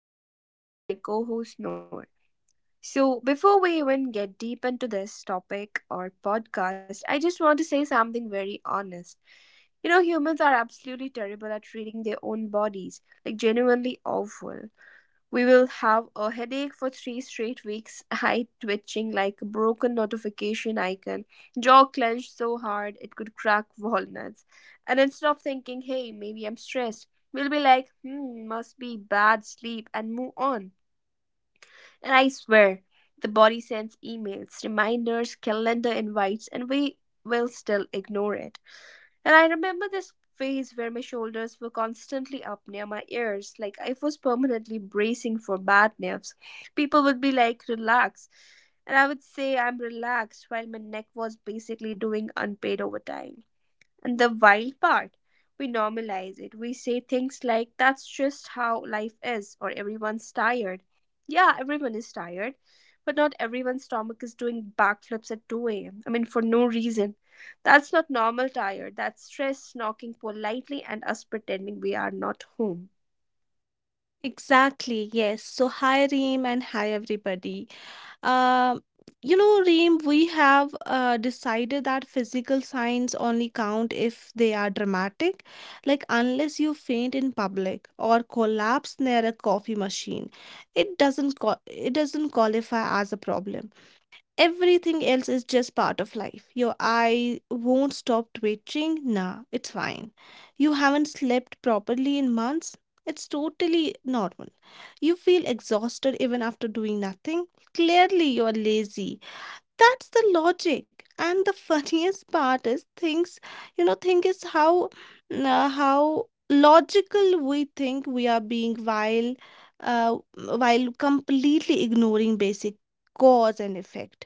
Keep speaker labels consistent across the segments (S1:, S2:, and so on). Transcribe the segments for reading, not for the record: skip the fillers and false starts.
S1: I'm your host, Reem, with my co host, Noor. So, before we even get deep into this topic or podcast, I just want to say something very honest. You know, humans are absolutely terrible at treating their own bodies, like, genuinely awful. We will have a headache for three straight weeks, eye twitching like a broken notification icon, jaw clenched so hard it could crack walnuts. And instead of thinking, hey, maybe I'm stressed, we'll be like, hmm, must be bad sleep, and move on. And I swear, the body sends emails, reminders, calendar invites, and we will still ignore it. And I remember this phase where my shoulders were constantly up near my ears, like I was permanently bracing for bad nerves. People would be like, relax. And I would say, I'm relaxed, while my neck was basically doing unpaid overtime. And the wild part, we normalize it. We say things like, that's just how life is, or everyone's tired. Yeah, everyone is tired, but not everyone's stomach is doing backflips at 2 a.m. I mean, for no reason. That's not normal tired. That's stress knocking politely and us pretending we are not home.
S2: Exactly, yes. So, hi Reem and hi everybody. Um, Reem, we have decided that physical signs only count if they are dramatic, like unless you faint in public or collapse near a coffee machine, it doesn't qua- it doesn't qualify as a problem. Everything else is just part of life. Your eye won't stop twitching. Nah, it's fine. You haven't slept properly in months. It's totally normal. You feel exhausted even after doing nothing. Clearly, you're lazy. That's the logic. And the funniest part is things, you know, think is how, how logical we think we are being uh, while completely ignoring basic cause and effect.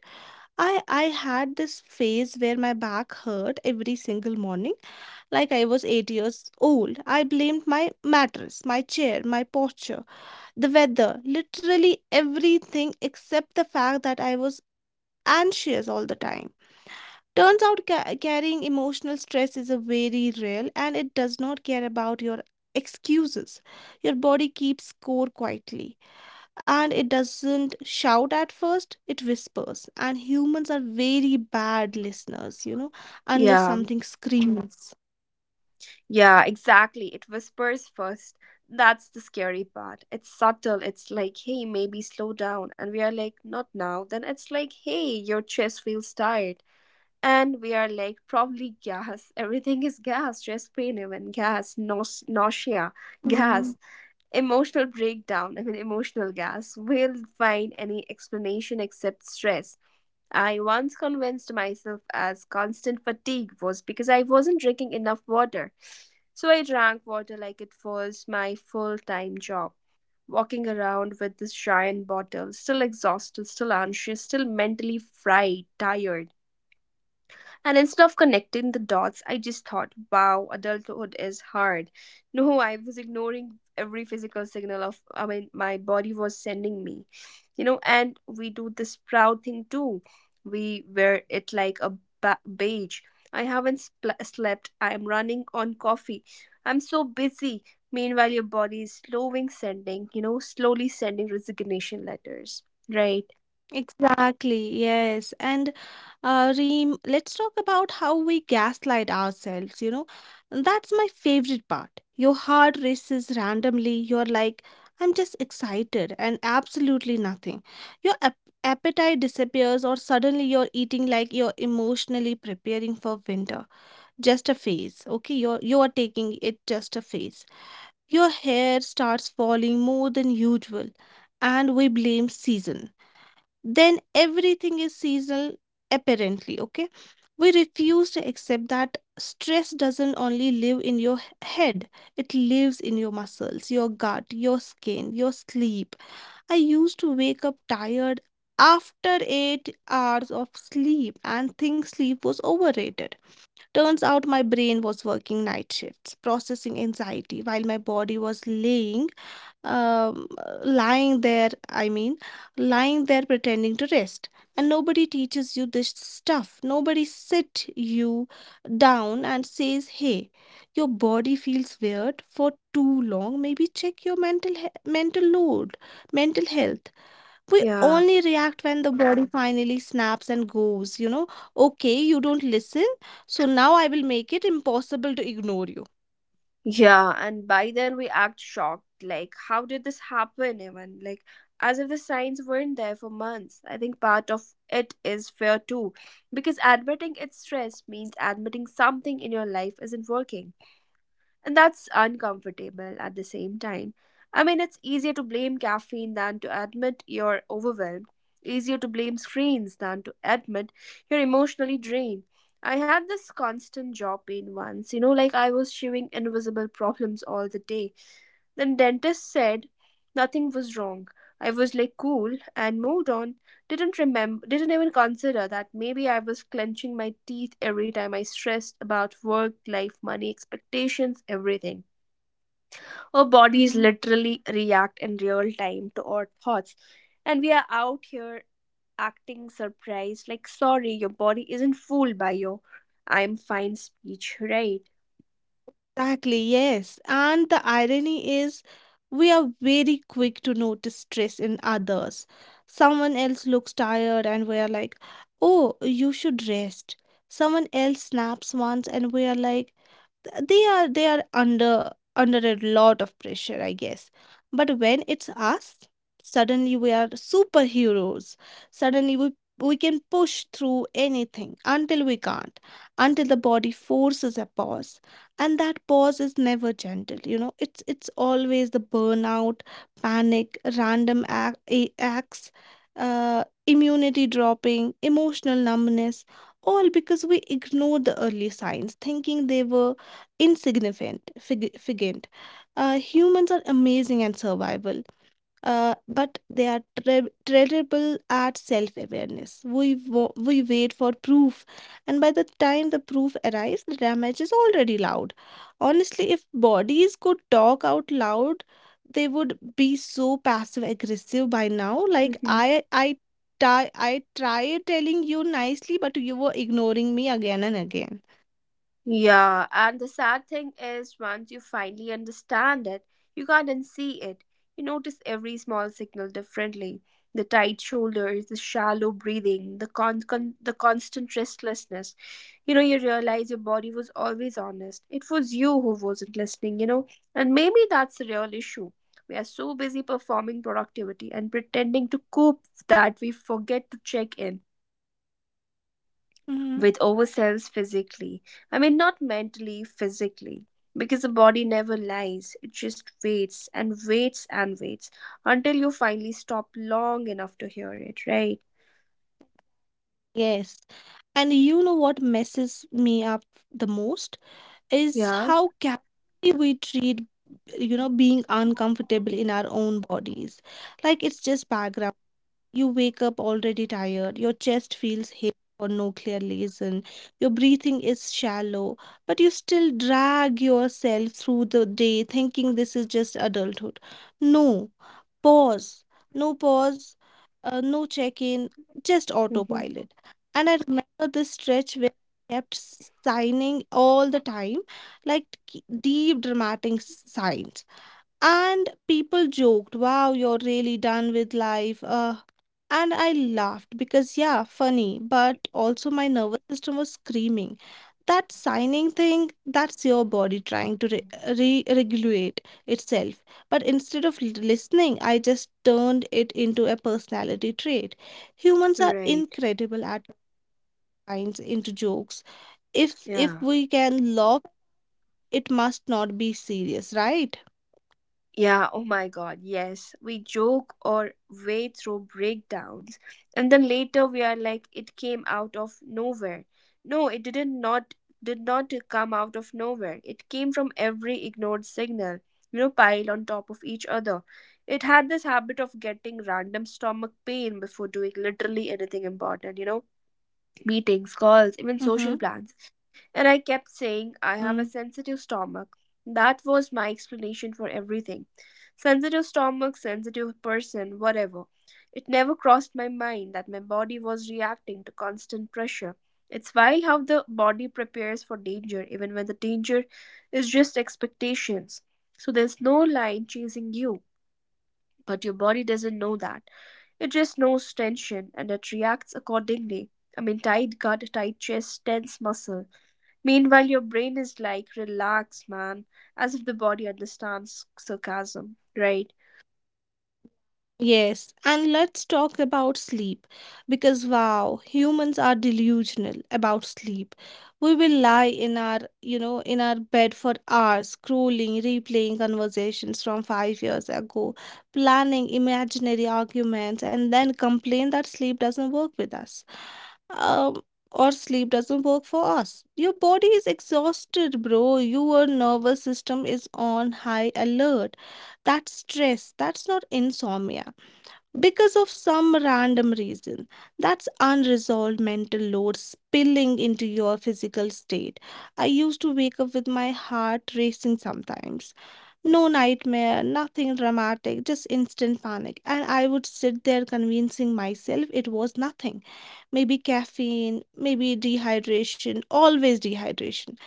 S2: I had this phase where my back hurt every single morning, like I was 8 years old. I blamed my mattress, my chair, my posture, the weather, literally everything except the fact that I was anxious all the time. Turns out carrying emotional stress is a very real and it does not care about your excuses. Your body keeps score quietly, and it doesn't shout at first. It whispers, and humans are very bad listeners, unless
S1: Yeah.
S2: something screams.
S1: Yeah, exactly. It whispers first. That's the scary part. It's subtle. It's like, hey, maybe slow down. And we are like, not now. Then it's like, hey, your chest feels tired. And we are like, probably gas. Everything is gas. Chest pain, even gas, Naus nausea,
S2: Mm,
S1: gas, emotional breakdown. I mean, emotional gas. We'll find any explanation except stress. I once convinced myself as constant fatigue was because I wasn't drinking enough water. So I drank water like it was my full time job, walking around with this giant bottle, still exhausted, still anxious, still mentally fried, tired. And instead of connecting the dots, I just thought, wow, adulthood is hard. No, I was ignoring every physical signal of, I mean, my body was sending me, you know. And we do this proud thing too, we wear it like a badge. I haven't slept, I am running on coffee, I'm so busy, meanwhile your body is slowing sending you know slowly sending resignation letters, right?
S2: exactly, yes. And Reem, let's talk about how we gaslight ourselves, And that's my favorite part. Your heart races randomly, you're like, I'm just excited and absolutely nothing. Your appetite disappears, or suddenly you're eating like you're emotionally preparing for winter. Just a phase, okay? You are taking it just a phase. Your hair starts falling more than usual, and we blame season. Then everything is seasonal apparently, okay. We refuse to accept that stress doesn't only live in your head. It lives in your muscles, your gut, your skin, your sleep. I used to wake up tired after 8 hours of sleep and think sleep was overrated. Turns out my brain was working night shifts, processing anxiety, while my body was um, lying there, lying there pretending to rest. And nobody teaches you this stuff. Nobody sit you down and says, hey, your body feels weird for too long. Maybe check your mental load, mental health. We
S1: Yeah.
S2: only react when the body finally snaps and goes, you know, okay, you don't listen, so now I will make it impossible to ignore you.
S1: Yeah, and by then we act shocked. Like, how did this happen, even? Like, as if the signs weren't there for months. I think part of it is fear too, because admitting it's stress means admitting something in your life isn't working. And that's uncomfortable at the same time. I mean, it's easier to blame caffeine than to admit you're overwhelmed, easier to blame screens than to admit you're emotionally drained. I had this constant jaw pain once, you know, like I was chewing invisible problems all the day. The dentist said nothing was wrong. I was like cool and moved on. Didn't remember, didn't even consider that maybe I was clenching my teeth every time I stressed about work, life, money, expectations, everything. Our bodies
S2: Mm-hmm.
S1: literally react in real time to our thoughts. And we are out here acting surprised, like sorry, your body isn't fooled by your I'm fine speech, right?
S2: Exactly, yes. And the irony is, we are very quick to notice stress in others. Someone else looks tired, and we are like, oh, you should rest. Someone else snaps once, and we are like, they are under a lot of pressure, I guess. But when it's us, suddenly we are superheroes. Suddenly we can push through anything until we can't, until the body forces a pause. And that pause is never gentle, you know. It's always the burnout, panic, random acts, uh, immunity dropping, emotional numbness, all because we ignored the early signs thinking they were insignificant. Fig- figant. Humans are amazing at survival, but they are terrible at self awareness. We wait for proof, and by the time the proof arrives, the damage is already loud. Honestly, if bodies could talk out loud, they would be so passive aggressive by now. Like,
S1: Mhm.
S2: I tried telling you nicely, but you were ignoring me again and again.
S1: Yeah, and the sad thing is, once you finally understand it, you can't unsee it. You notice every small signal differently, the tight shoulders, the shallow breathing, the constant restlessness. You know, you realize your body was always honest. It was you who wasn't listening, you know, and maybe that's the real issue. We are so busy performing productivity and pretending to cope that we forget to check in with ourselves physically. I mean, not mentally, physically. Because the body never lies, it just waits and waits and waits until you finally stop long enough to hear it, right?
S2: Yes. And you know what messes me up the most is
S1: Yeah.
S2: how casually we treat, you know, being uncomfortable in our own bodies, like it's just background. You wake up already tired, your chest feels heavy for no clear reason, your breathing is shallow, but you still drag yourself through the day thinking this is just adulthood. No pause, no pause, no check in, just
S1: Hmm.
S2: autopilot. And I remember this stretch where I kept signing all the time, like deep dramatic signs. And people joked, wow, you're really done with life. And I laughed because, yeah, funny, but also my nervous system was screaming. That signing thing, that's your body trying to regulate itself. But instead of listening, I just turned it into a personality trait. Humans are
S1: Right.
S2: incredible at kinds into jokes. If
S1: Yeah.
S2: we can laugh, it must not be serious, right?
S1: Yeah, oh my god, yes. We joke or way through breakdowns, and then later we are like, it came out of nowhere. No, it didn't, not did not come out of nowhere. It came from every ignored signal, you know, piled on top of each other. It had this habit of getting random stomach pain before doing literally anything important, you know, meetings, calls, even
S2: Mm-hmm.
S1: social plans. And I kept saying, I
S2: Mm-hmm.
S1: have a sensitive stomach. That was my explanation for everything. Sensitive stomach, sensitive person, whatever. It never crossed my mind that my body was reacting to constant pressure. It's wild how the body prepares for danger, even when the danger is just expectations. So there's no lion chasing you, but your body doesn't know that. It just knows tension and it reacts accordingly. I mean, tight gut, tight chest, tense muscle. Meanwhile, your brain is like, relax, man, as if the body understands sarcasm, right?
S2: Yes, and let's talk about sleep because wow, humans are delusional about sleep. We will lie in in our bed for hours, scrolling, replaying conversations from 5 years ago, planning imaginary arguments, and then complain that sleep doesn't work with us. Um, or sleep doesn't work for us. Your body is exhausted, bro. Your nervous system is on high alert. That's stress. That's not insomnia because of some random reason. That's unresolved mental load spilling into your physical state. I used to wake up with my heart racing sometimes. No nightmare, nothing dramatic, just instant panic. And I would sit there convincing myself it was nothing. Maybe caffeine, maybe dehydration, always dehydration,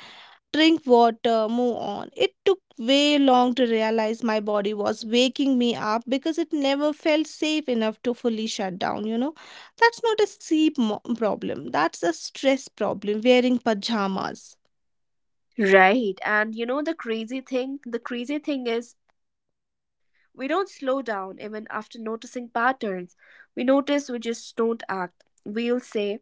S2: drink water, move on. It took way long to realize my body was waking me up because it never felt safe enough to fully shut down, you know. That's not a problem, that's a stress problem, wearing pajamas.
S1: Right. And you know the crazy thing? The crazy thing is, we don't slow down even after noticing patterns. We notice, we just don't act. We'll say,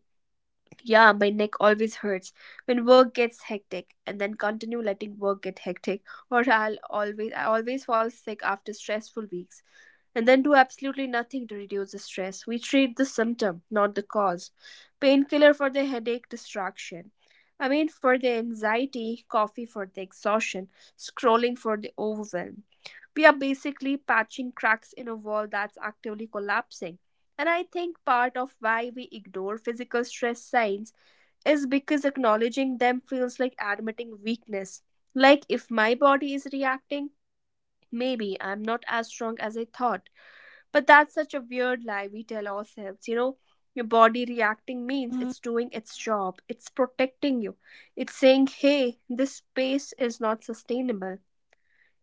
S1: yeah, my neck always hurts when work gets hectic, and then continue letting work get hectic. Or I always fall sick after stressful weeks, and then do absolutely nothing to reduce the stress. We treat the symptom, not the cause. Painkiller for the headache distraction. I mean for the anxiety, coffee for the exhaustion, scrolling for the overwhelm. We are basically patching cracks in a wall that's actively collapsing. And I think part of why we ignore physical stress signs is because acknowledging them feels like admitting weakness. Like, if my body is reacting, maybe I'm not as strong as I thought. But that's such a weird lie we tell ourselves, you know. Your body reacting means
S2: Mm,
S1: it's doing its job, it's protecting you, it's saying, hey, this space is not sustainable.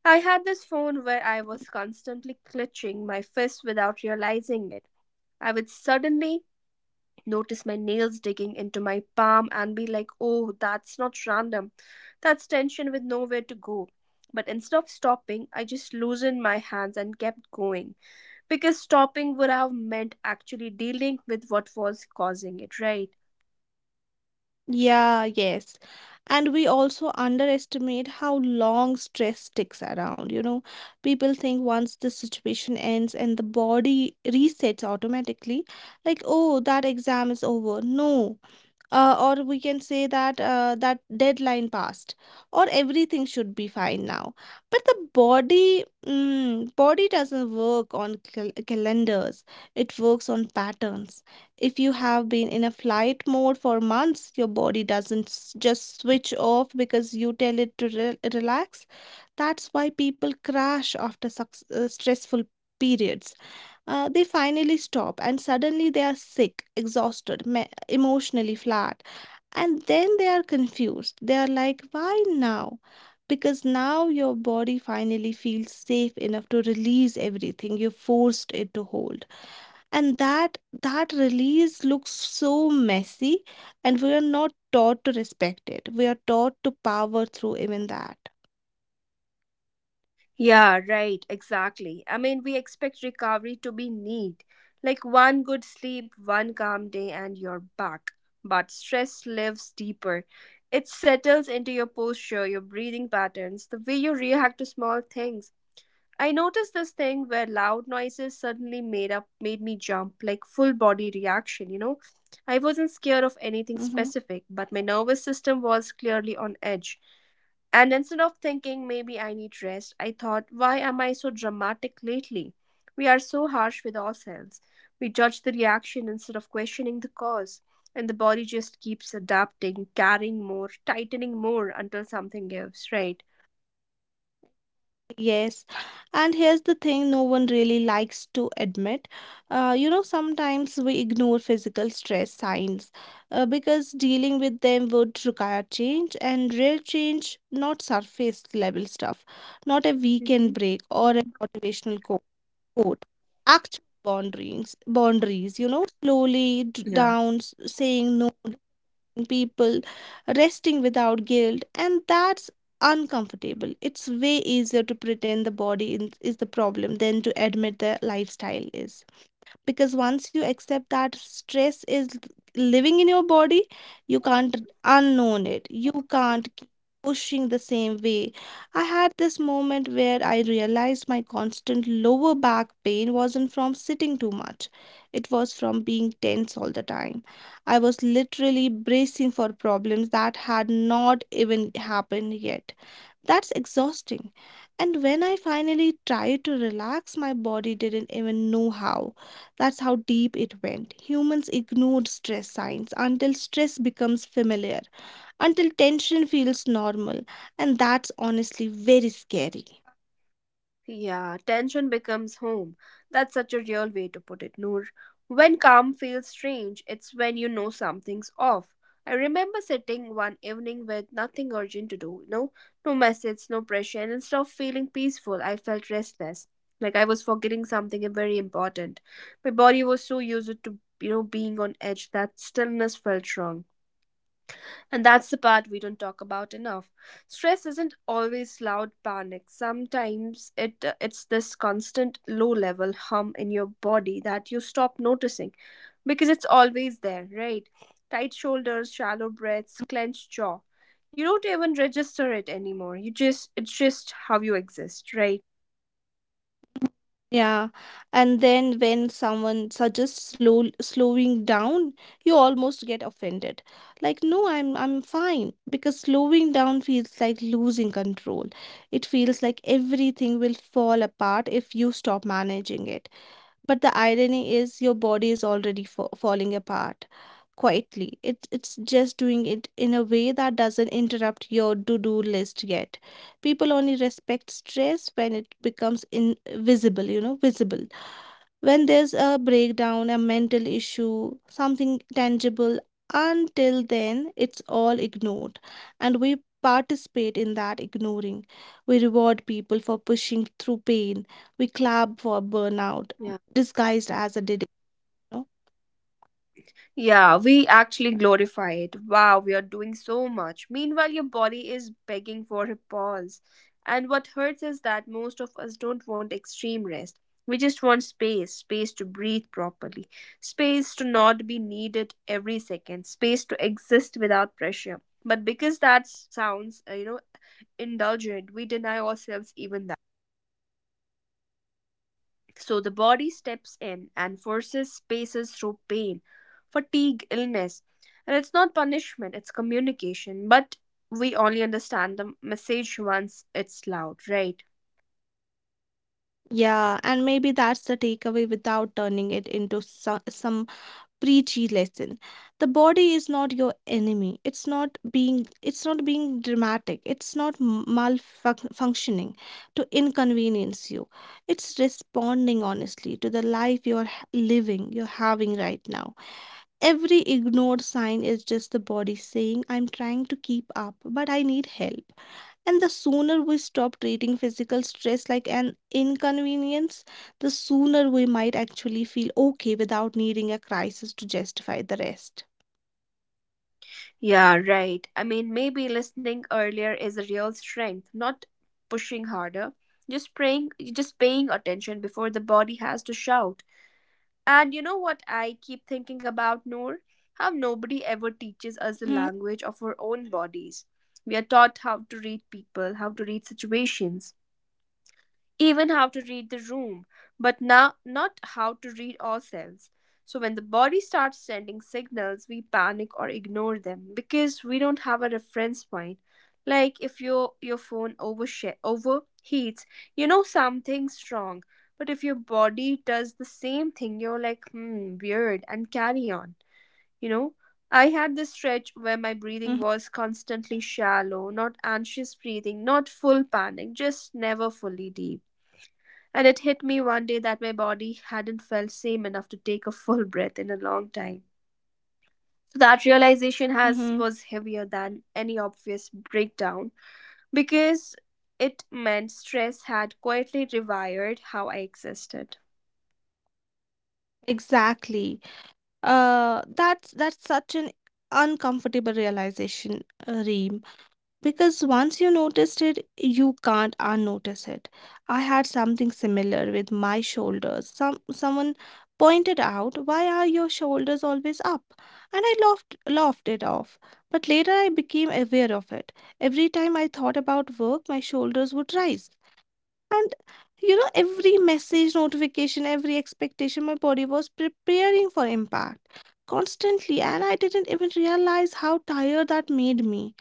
S1: I had this phone where I was constantly clutching my fist without realizing it. I would suddenly notice my nails digging into my palm and be like, oh, that's not random. That's tension with nowhere to go. But instead of stopping, I just loosened my hands and kept going. Because stopping would have meant actually dealing with what was causing it, right?
S2: yeah, yes. And we also underestimate how long stress sticks around, you know. People think once the situation ends and the body resets automatically, like, oh, that exam is over. No, or we can say that that deadline passed, or everything should be fine now. But body doesn't work on calendars, it works on patterns. If you have been in a flight mode for months, your body doesn't just switch off because you tell it to relax. That's why people crash after stressful periods. They finally stop and suddenly they are sick, exhausted, emotionally flat. And then they are confused, they are like, why now? Because now your body finally feels safe enough to release everything you forced it to hold. And that release looks so messy, and we are not taught to respect it. We are taught to power through even that.
S1: Yeah, right, exactly. I mean, we expect recovery to be neat, like one good sleep, one calm day, and you're back. But stress lives deeper. It settles into your posture, your breathing patterns, the way you react to small things. I noticed this thing where loud noises suddenly made me jump, like full body reaction, you know? I wasn't scared of anything specific, but my nervous system was clearly on edge. And instead of thinking maybe I need rest, I thought, why am I so dramatic lately? We are so harsh with ourselves. We judge the reaction instead of questioning the cause. And the body just keeps adapting, carrying more, tightening more until something gives, right?
S2: Yes, and here's the thing no one really likes to admit. Sometimes we ignore physical stress signs because dealing with them would require change, and real change, not surface level stuff, not a weekend break or a motivational quote. Actual boundaries, boundaries, you know, slowly down, saying no people, resting without guilt, and that's uncomfortable. It's way easier to pretend the body is the problem than to admit the lifestyle is. Because once you accept that stress is living in your body, you can't unknown it. You can't keep pushing the same way. I had this moment where I realized my constant lower back pain wasn't from sitting too much. It was from being tense all the time. I was literally bracing for problems that had not even happened yet. That's exhausting. And when I finally tried to relax, my body didn't even know how. That's how deep it went. Humans ignored stress signs until stress becomes familiar, until tension feels normal. And that's honestly very scary.
S1: Yeah, tension becomes home. That's such a real way to put it, Noor. When calm feels strange, it's when you know something's off. I remember sitting one evening with nothing urgent to do, you know, no message, no pressure, and instead of feeling peaceful, I felt restless, like I was forgetting something very important. My body was so used to, you know, being on edge that stillness felt wrong. And that's the part we don't talk about enough. Stress isn't always loud panic. Sometimes it's this constant low level hum in your body that you stop noticing because it's always there, right? Tight shoulders, shallow breaths, clenched jaw. You don't even register it anymore. You just, it's just how you exist, right?
S2: Yeah, and then when someone suggests slowing down, you almost get offended. Like, no, I'm fine, because slowing down feels like losing control. It feels like everything will fall apart if you stop managing it. But the irony is your body is already falling apart quietly. It's just doing it in a way that doesn't interrupt your to do list yet. People only respect stress when it becomes visible, when there's a breakdown, a mental issue, something tangible. Until then it's all ignored. And we participate in that ignoring. We reward people for pushing through pain. We clap for burnout,
S1: Yeah.
S2: disguised as a dedication.
S1: Yeah, we actually glorify it. Wow, we are doing so much. Meanwhile, your body is begging for a pause. And what hurts is that most of us don't want extreme rest. We just want space, space to breathe properly, space to not be needed every second, space to exist without pressure. But because that sounds, you know, indulgent, we deny ourselves even that. So the body steps in and forces spaces through pain, fatigue, illness. And it's not punishment, it's communication. But we only understand the message once it's loud, right?
S2: Yeah, and maybe that's the takeaway without turning it into some preachy lesson. The body is not your enemy. It's not being dramatic, it's not malfunctioning to inconvenience you. It's responding honestly to the life you're h- living you're having right now. Every ignored sign is just the body saying, I'm trying to keep up but I need help. And the sooner we stop treating physical stress like an inconvenience, the sooner we might actually feel okay without needing a crisis to justify the rest.
S1: Yeah, right. I mean, maybe listening earlier is a real strength, not pushing harder. Just praying, just paying attention before the body has to shout. And you know what I keep thinking about, Noor? How nobody ever teaches us the
S2: Hmm.
S1: language of our own bodies. We are taught how to read people, how to read situations, even how to read the room, but now not how to read ourselves. So when the body starts sending signals, we panic or ignore them because we don't have a reference point. Like if your phone overheats, you know something's wrong. But if your body does the same thing, you're like, hmm, weird, and carry on. You know, I had this stretch where my breathing was constantly shallow, not anxious breathing, not full panic, just never fully deep. And it hit me one day that my body hadn't felt same enough to take a full breath in a long time. So that realization has
S2: Hmm.
S1: was heavier than any obvious breakdown because it meant stress had quietly rewired how I existed.
S2: Exactly. That's such an uncomfortable realization, Reem. Because once you noticed it, you can't unnotice it. I had something similar with my shoulders. Someone pointed out, "Why are your shoulders always up?" And I laughed it off. But later I became aware of it. Every time I thought about work, my shoulders would rise. And you know, every message, notification, every expectation, my body was preparing for impact constantly, and I didn't even realize how tired that made me.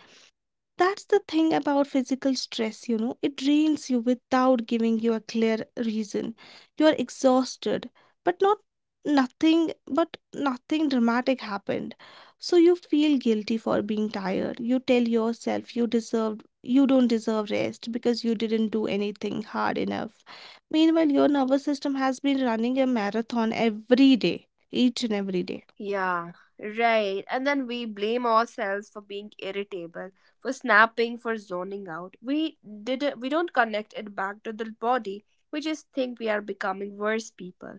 S2: That's the thing about physical stress, you know, it drains you without giving you a clear reason. You are exhausted, but not nothing, but nothing dramatic happened. So you feel guilty for being tired. You tell yourself you don't deserve rest because you didn't do anything hard enough. Meanwhile, your nervous system has been running a marathon every day, each and every day.
S1: Yeah, right. And then we blame ourselves for being irritable, for snapping, for zoning out. We did not We don't connect it back to the body. We just think we are becoming worse people.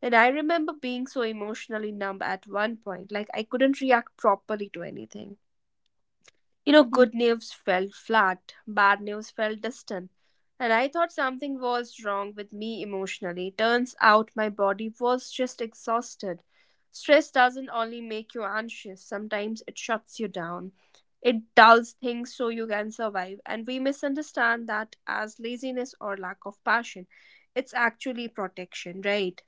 S1: And I remember being so emotionally numb at one point, like I couldn't react properly to anything. Good news felt flat, bad news felt distant, and I thought something was wrong with me emotionally. Turns out my body was just exhausted. Stress doesn't only make you anxious, sometimes it shuts you down. It dulls things so you can survive, and we misunderstand that as laziness or lack of passion. It's actually protection, right?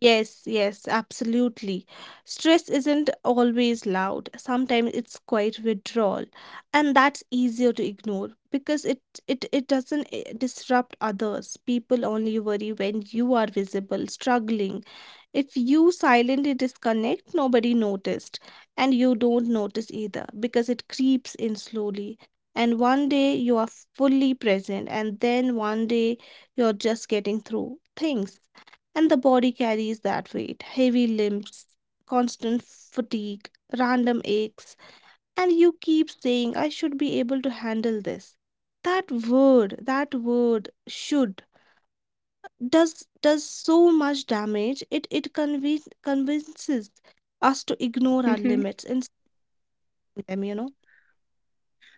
S2: Yes, yes, absolutely. Stress isn't always loud. Sometimes it's quite withdrawal, and that's easier to ignore because it doesn't disrupt others. People only worry when you are visible, struggling. If you silently disconnect, nobody noticed, and you don't notice either because it creeps in slowly. And one day you are fully present, and then one day you're just getting through things, and the body carries that weight. Heavy limbs, constant fatigue, random aches, and you keep saying, I should be able to handle this. That word should does so much damage. It convinces us to ignore our limits and them, you know.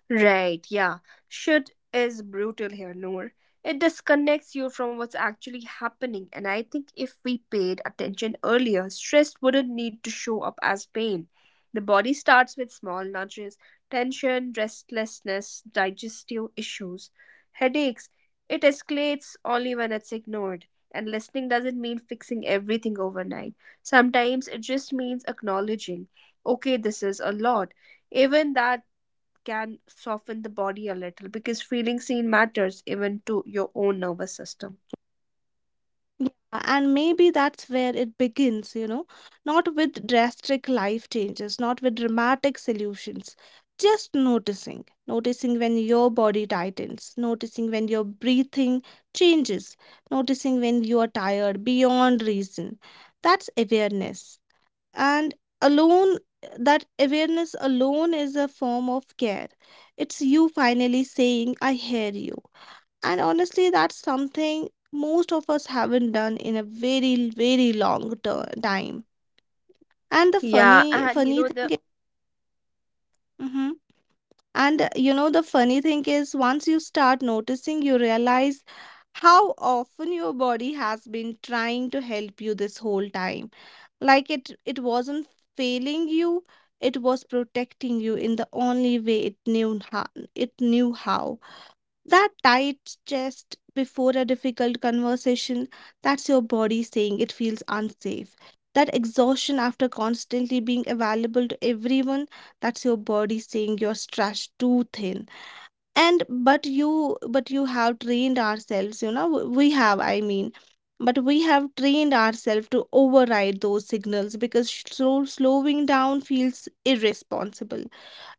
S1: Right, yeah. Should is brutal here, Noor. It disconnects you from what's actually happening, and I think if we paid attention earlier, stress wouldn't need to show up as pain. The body starts with small nudges, tension, restlessness, digestive issues, headaches. It escalates only when it's ignored. And listening doesn't mean fixing everything overnight. Sometimes it just means acknowledging, okay, this is a lot, even that can soften the body a little because feeling seen matters even to your own nervous system. What's your say on that?
S2: Yeah, and maybe that's where it begins, you know, not with drastic life changes, not with dramatic solutions, just noticing. Noticing when your body tightens, noticing when your breathing changes, noticing when you are tired beyond reason. That's awareness. And alone, that awareness alone is a form of care. It's you finally saying, I hear you. And honestly, that's something most of us haven't done in a very, very time. And the
S1: Yeah,
S2: funny,
S1: and you
S2: funny
S1: know
S2: thing
S1: the
S2: is, Mhm. And you know, the funny thing is, once you start noticing, you realize how often your body has been trying to help you this whole time. Like it wasn't failing you, it was protecting you in the only way it knew how. It knew how. That tight chest before a difficult conversation, that's your body saying it feels unsafe. That exhaustion after constantly being available to everyone, that's your body saying you're stretched too thin. And but you have trained ourselves, you know, w- we have, I mean, but we have trained ourselves to override those signals because slowing down feels irresponsible.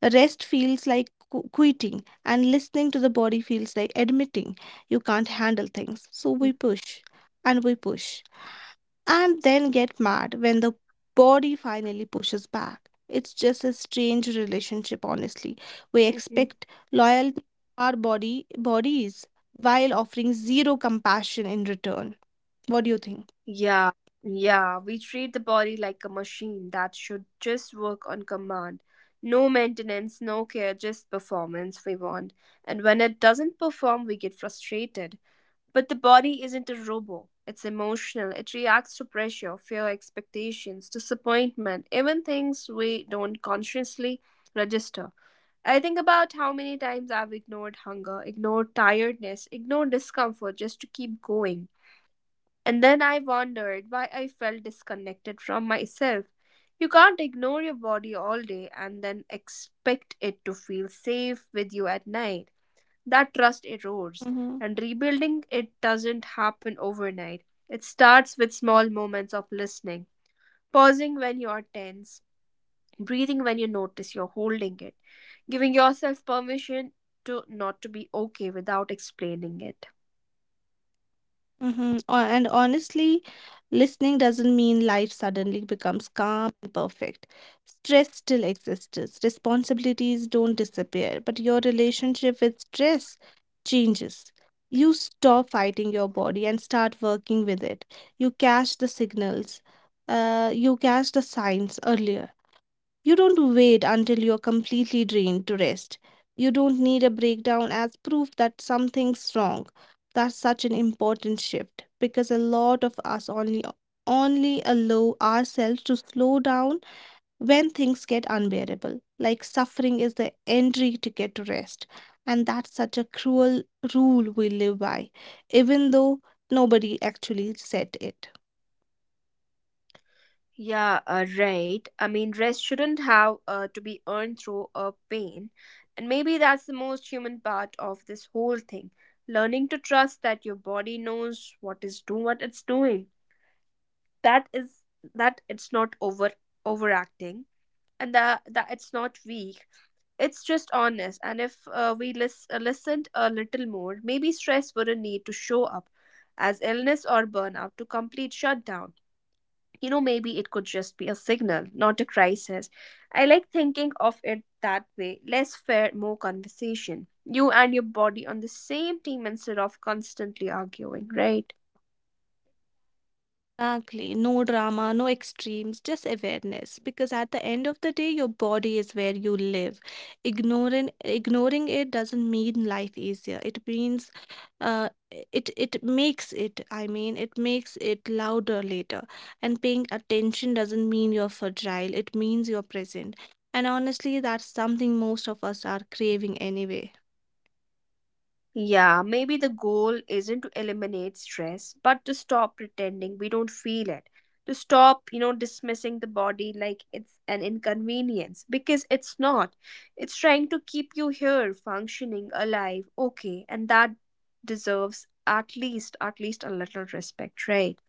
S2: Rest feels like quitting, and listening to the body feels like admitting you can't handle things. So we push, and then get mad when the body finally pushes back. It's just a strange relationship, honestly. We
S1: Mhm.
S2: expect loyalty from our body bodies while offering zero compassion in return. What do you think?
S1: Yeah, yeah, we treat the body like a machine that should just work on command. No maintenance, no care, just performance we want. And when it doesn't perform, we get frustrated. But the body isn't a robot. It's emotional. It reacts to pressure, fear, expectations, disappointment, even things we don't consciously register. I think about how many times I've ignored hunger, ignored tiredness, ignored discomfort just to keep going. And then I wondered why I felt disconnected from myself. You can't ignore your body all day and then expect it to feel safe with you at night. That trust erodes,
S2: Hmm.
S1: and rebuilding it doesn't happen overnight. It starts with small moments of listening, pausing when you're tense, breathing when you notice you're holding it, giving yourself permission to not to be okay without explaining it.
S2: Mm-hmm. And honestly, listening doesn't mean life suddenly becomes calm and perfect. Stress still exists, responsibilities don't disappear, but your relationship with stress changes. You stop fighting your body and start working with it. You catch the signals, you catch the signs earlier. You don't wait until you're completely drained to rest. You don't need a breakdown as proof that something's wrong. That's such an important shift because a lot of us only allow ourselves to slow down when things get unbearable. Like suffering is the entry ticket to rest. And that's such a cruel rule we live by. Even though nobody actually said it.
S1: Yeah, right. I mean, rest shouldn't have to be earned through a pain. And maybe that's the most human part of this whole thing, learning to trust that your body knows what it's doing, that is, that it's not overacting, and that it's not weak, it's just honest. And if listened a little more, maybe stress wouldn't need to show up as illness or burnout to complete shutdown. You know, maybe it could just be a signal, not a crisis. I like thinking of it that way, less fair, more conversation, you and your body on the same team instead of constantly arguing, right?
S2: Exactly. No drama, no extremes, just awareness. Because at the end of the day, your body is where you live. Ignoring it doesn't mean life easier. It means uh, it makes it louder later, and paying attention doesn't mean you're fragile, it means you're present, and honestly that's something most of us are craving anyway.
S1: Yeah, maybe the goal isn't to eliminate stress, but to stop pretending we don't feel it. To stop, dismissing the body like it's an inconvenience because it's not. It's trying to keep you here, functioning, alive, okay, and that deserves at least a little respect, right?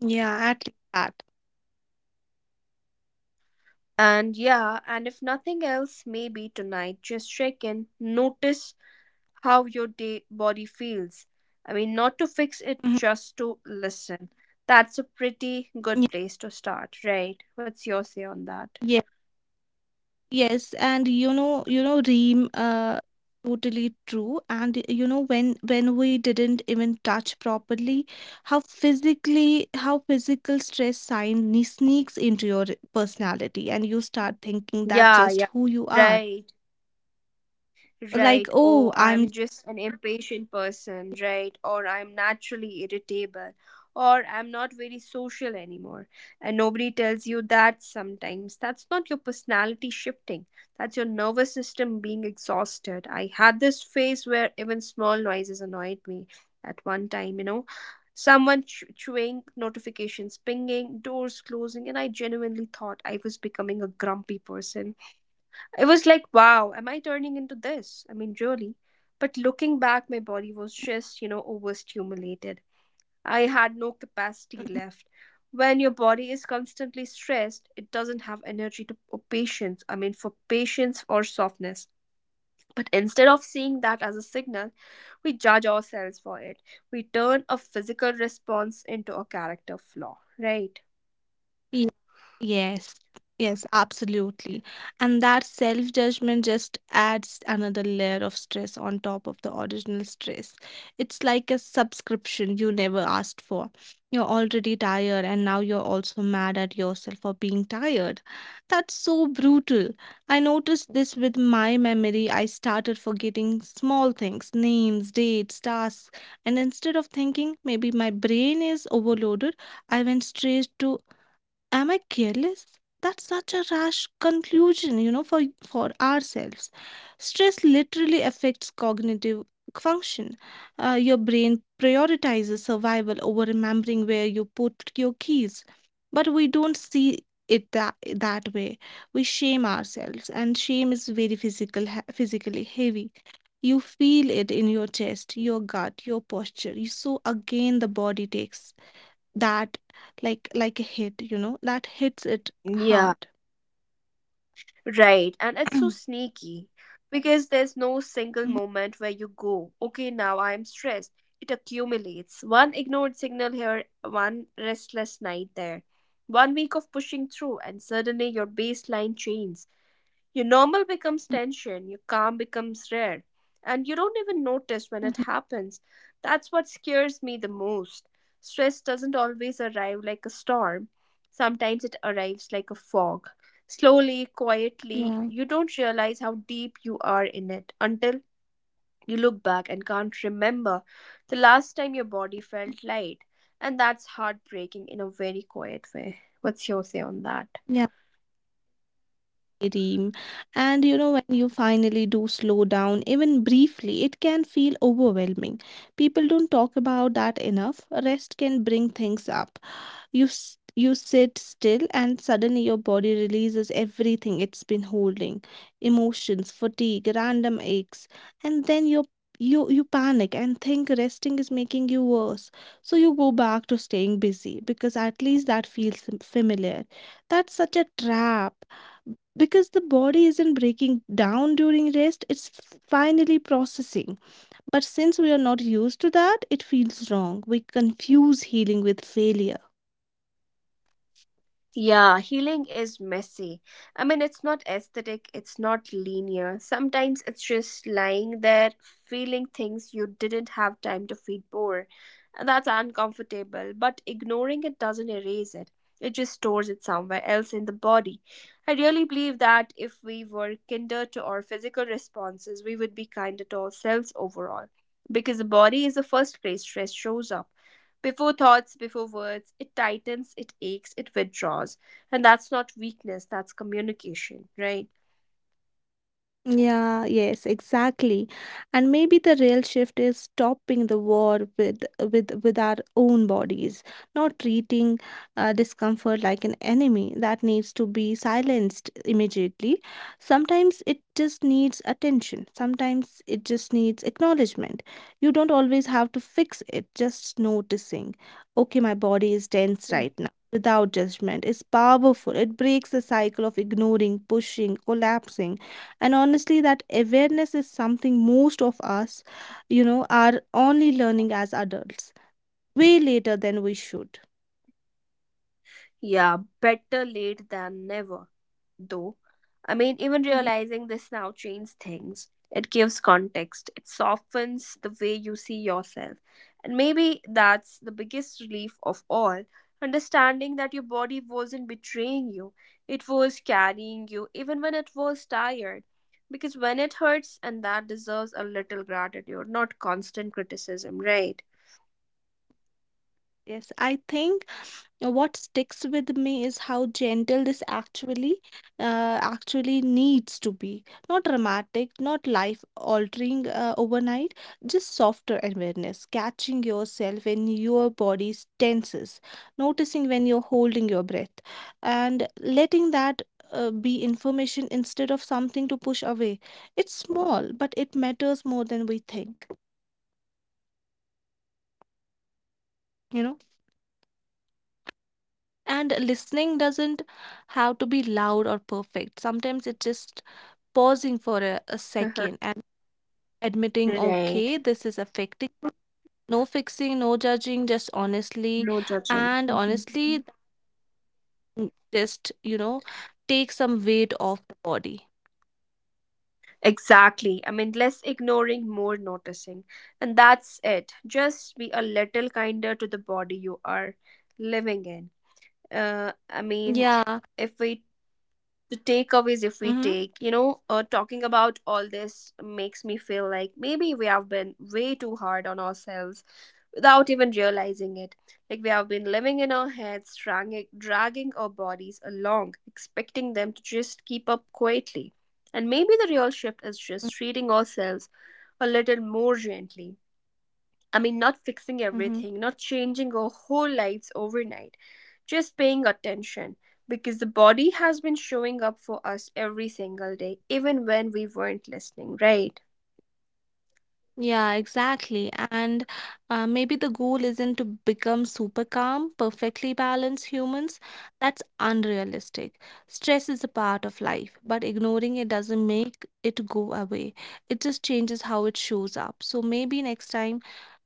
S2: Yeah, at least that.
S1: And yeah, and if nothing else, maybe tonight just check in, notice how your day body feels. I mean, not to fix it,
S2: Mhm.
S1: just to listen. That's a pretty good
S2: Yeah,
S1: place to start, right? What's your say on that?
S2: yeah. Yes, and you know, Reem, totally true. And you know, when we didn't even touch properly, how physical stress sneaks into your personality, and you start thinking that's
S1: Yeah,
S2: just
S1: yeah,
S2: who you are.
S1: right.
S2: Like,
S1: Right,
S2: oh,
S1: oh,
S2: I'm
S1: I'm just an impatient person, right, or I'm naturally irritable, or I'm not very social anymore. And nobody tells you that sometimes. That's not your personality shifting, that's your nervous system being exhausted. I had this phase where even small noises annoyed me at one time, you know. Someone chewing, notifications pinging, doors closing, and I genuinely thought I was becoming a grumpy person. It was like, wow, am I turning into this? I mean, really. But looking back, my body was just, overstimulated. I had no
S2: Ừm,
S1: capacity
S2: ừm.
S1: left. When your body is constantly stressed, it doesn't have energy to or patience. I mean, for patience or softness. But instead of seeing that as a signal, we judge ourselves for it. We turn a physical response into a character flaw, right?
S2: Thì, yes, yes, absolutely. And that self-judgment just adds another layer of stress on top of the original stress. It's like a subscription you never asked for. You're already tired, and now you're also mad at yourself for being tired. That's so brutal. I noticed this with my memory. I started forgetting small things, names, dates, tasks, and instead of thinking maybe my brain is overloaded, I went straight to am I careless? That's such a rash conclusion, you know, for ourselves. Stress literally affects cognitive function. Your brain prioritizes survival over remembering where you put your keys, but we don't see it that way. We shame ourselves, and shame is very physical, physically heavy. You feel it in your chest, your gut, your posture. You, so again the body takes that like a hit, you know, that hits it
S1: Yeah,
S2: hard.
S1: right. And it's so sneaky because there's no single
S2: Mhm,
S1: moment where you go, okay, now I am stressed. It accumulates. One ignored signal here, one restless night there, one week of pushing through, and suddenly your baseline changes. Your normal becomes tension, your calm becomes rare, and you don't even notice when it
S2: mhm.
S1: happens. That's what scares me the most. Stress doesn't always arrive like a storm, sometimes it arrives like a fog. Slowly, quietly,
S2: Yeah,
S1: you don't realize how deep you are in it until you look back and can't remember the last time your body felt light. And that's heartbreaking in a very quiet way. What's your say on that?
S2: yeah. Dream. And you know, when you finally do slow down, even briefly, it can feel overwhelming. People don't talk about that enough. Rest can bring things up. You sit still and suddenly your body releases everything it's been holding, emotions, fatigue, random aches, and then you panic and think resting is making you worse, so you go back to staying busy because at least that feels familiar. That's such a trap because the body isn't breaking down during rest, it's finally processing, but since we are not used to that, it feels wrong. We confuse healing with failure.
S1: Yeah, healing is messy. I mean, it's not aesthetic, it's not linear. Sometimes it's just lying there, feeling things you didn't have time to feel before. And that's uncomfortable, but ignoring it doesn't erase it. It just stores it somewhere else in the body. I really believe that if we were kinder to our physical responses, we would be kinder to ourselves overall. Because the body is the first place stress shows up. Before thoughts, before words, it tightens, it aches, it withdraws. And that's not weakness, that's communication, right?
S2: Yeah, yes, exactly. And maybe the real shift is stopping the war with our own bodies, not treating discomfort like an enemy that needs to be silenced immediately. Sometimes it just needs attention. Sometimes it just needs acknowledgement. You don't always have to fix it, just noticing, okay, my body is tense right now. Without judgment is powerful. It breaks the cycle of ignoring, pushing, collapsing, and honestly that awareness is something most of us, you know, are only learning as adults, way later than we should.
S1: Yeah, better late than never, though. I mean, even
S2: Mhm.
S1: realizing this now changes things. It gives context, it softens the way you see yourself. And maybe that's the biggest relief of all, understanding that your body wasn't betraying you, it was carrying you, even when it was tired. Because when it hurts, and that deserves a little gratitude, not constant criticism, right?
S2: Yes, I think what sticks with me is how gentle this actually needs to be. Not dramatic, not life altering overnight, just softer awareness, catching yourself when your body tenses, noticing when you're holding your breath, and letting that be information instead of something to push away. It's small, but it matters more than we think, you know? And listening doesn't have to be loud or perfect. Sometimes it just pausing for a second and admitting,
S1: Right.
S2: okay, this is affecting. Me." No fixing, no judging, just honestly.
S1: No judging.
S2: And honestly, just, you know, take some weight off the body.
S1: Exactly. I mean, less ignoring, more noticing. And that's it. Just be a little kinder to the body you are living in. I mean,
S2: Yeah.
S1: if we, the takeaways, if we
S2: Mm-hmm.
S1: take, you know, talking about all this makes me feel like maybe we have been way too hard on ourselves without even realizing it. Like we have been living in our heads, dragging our bodies along, expecting them to just keep up quietly. And maybe the real shift is just treating ourselves a little more gently. I mean, not fixing
S2: Mm-hmm.
S1: everything, not changing our whole lives overnight, just paying attention because the body has been showing up for us every single day, even when we weren't listening, right?
S2: Yeah, exactly. And maybe the goal isn't to become super calm, perfectly balanced humans. That's unrealistic. Stress is a part of life, but ignoring it doesn't make it go away. It just changes how it shows up. So maybe next time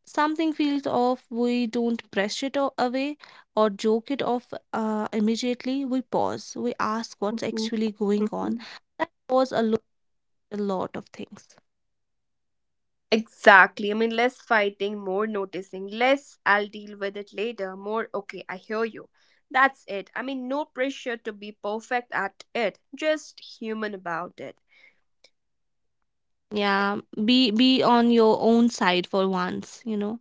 S2: something feels off, we don't away or joke it off immediately. We pause, we ask what's
S1: Mhm,
S2: actually going on.
S1: mhm.
S2: That pause alone, a lot of things.
S1: Exactly. I mean, less fighting, more noticing, less I'll deal with it later, more okay, I hear you. That's it. I mean, no pressure to be perfect at it, just human about it.
S2: Yeah, be on your own side for once, you know.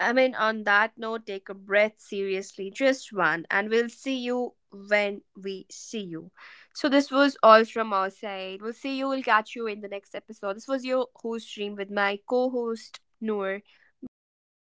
S1: I mean, on that note, take a breath seriously, just one, and we'll see you when we see you. So, this was all from our side. We'll see you, we'll catch you in the next episode. This was your host stream with my co host, Noor. Bye bye.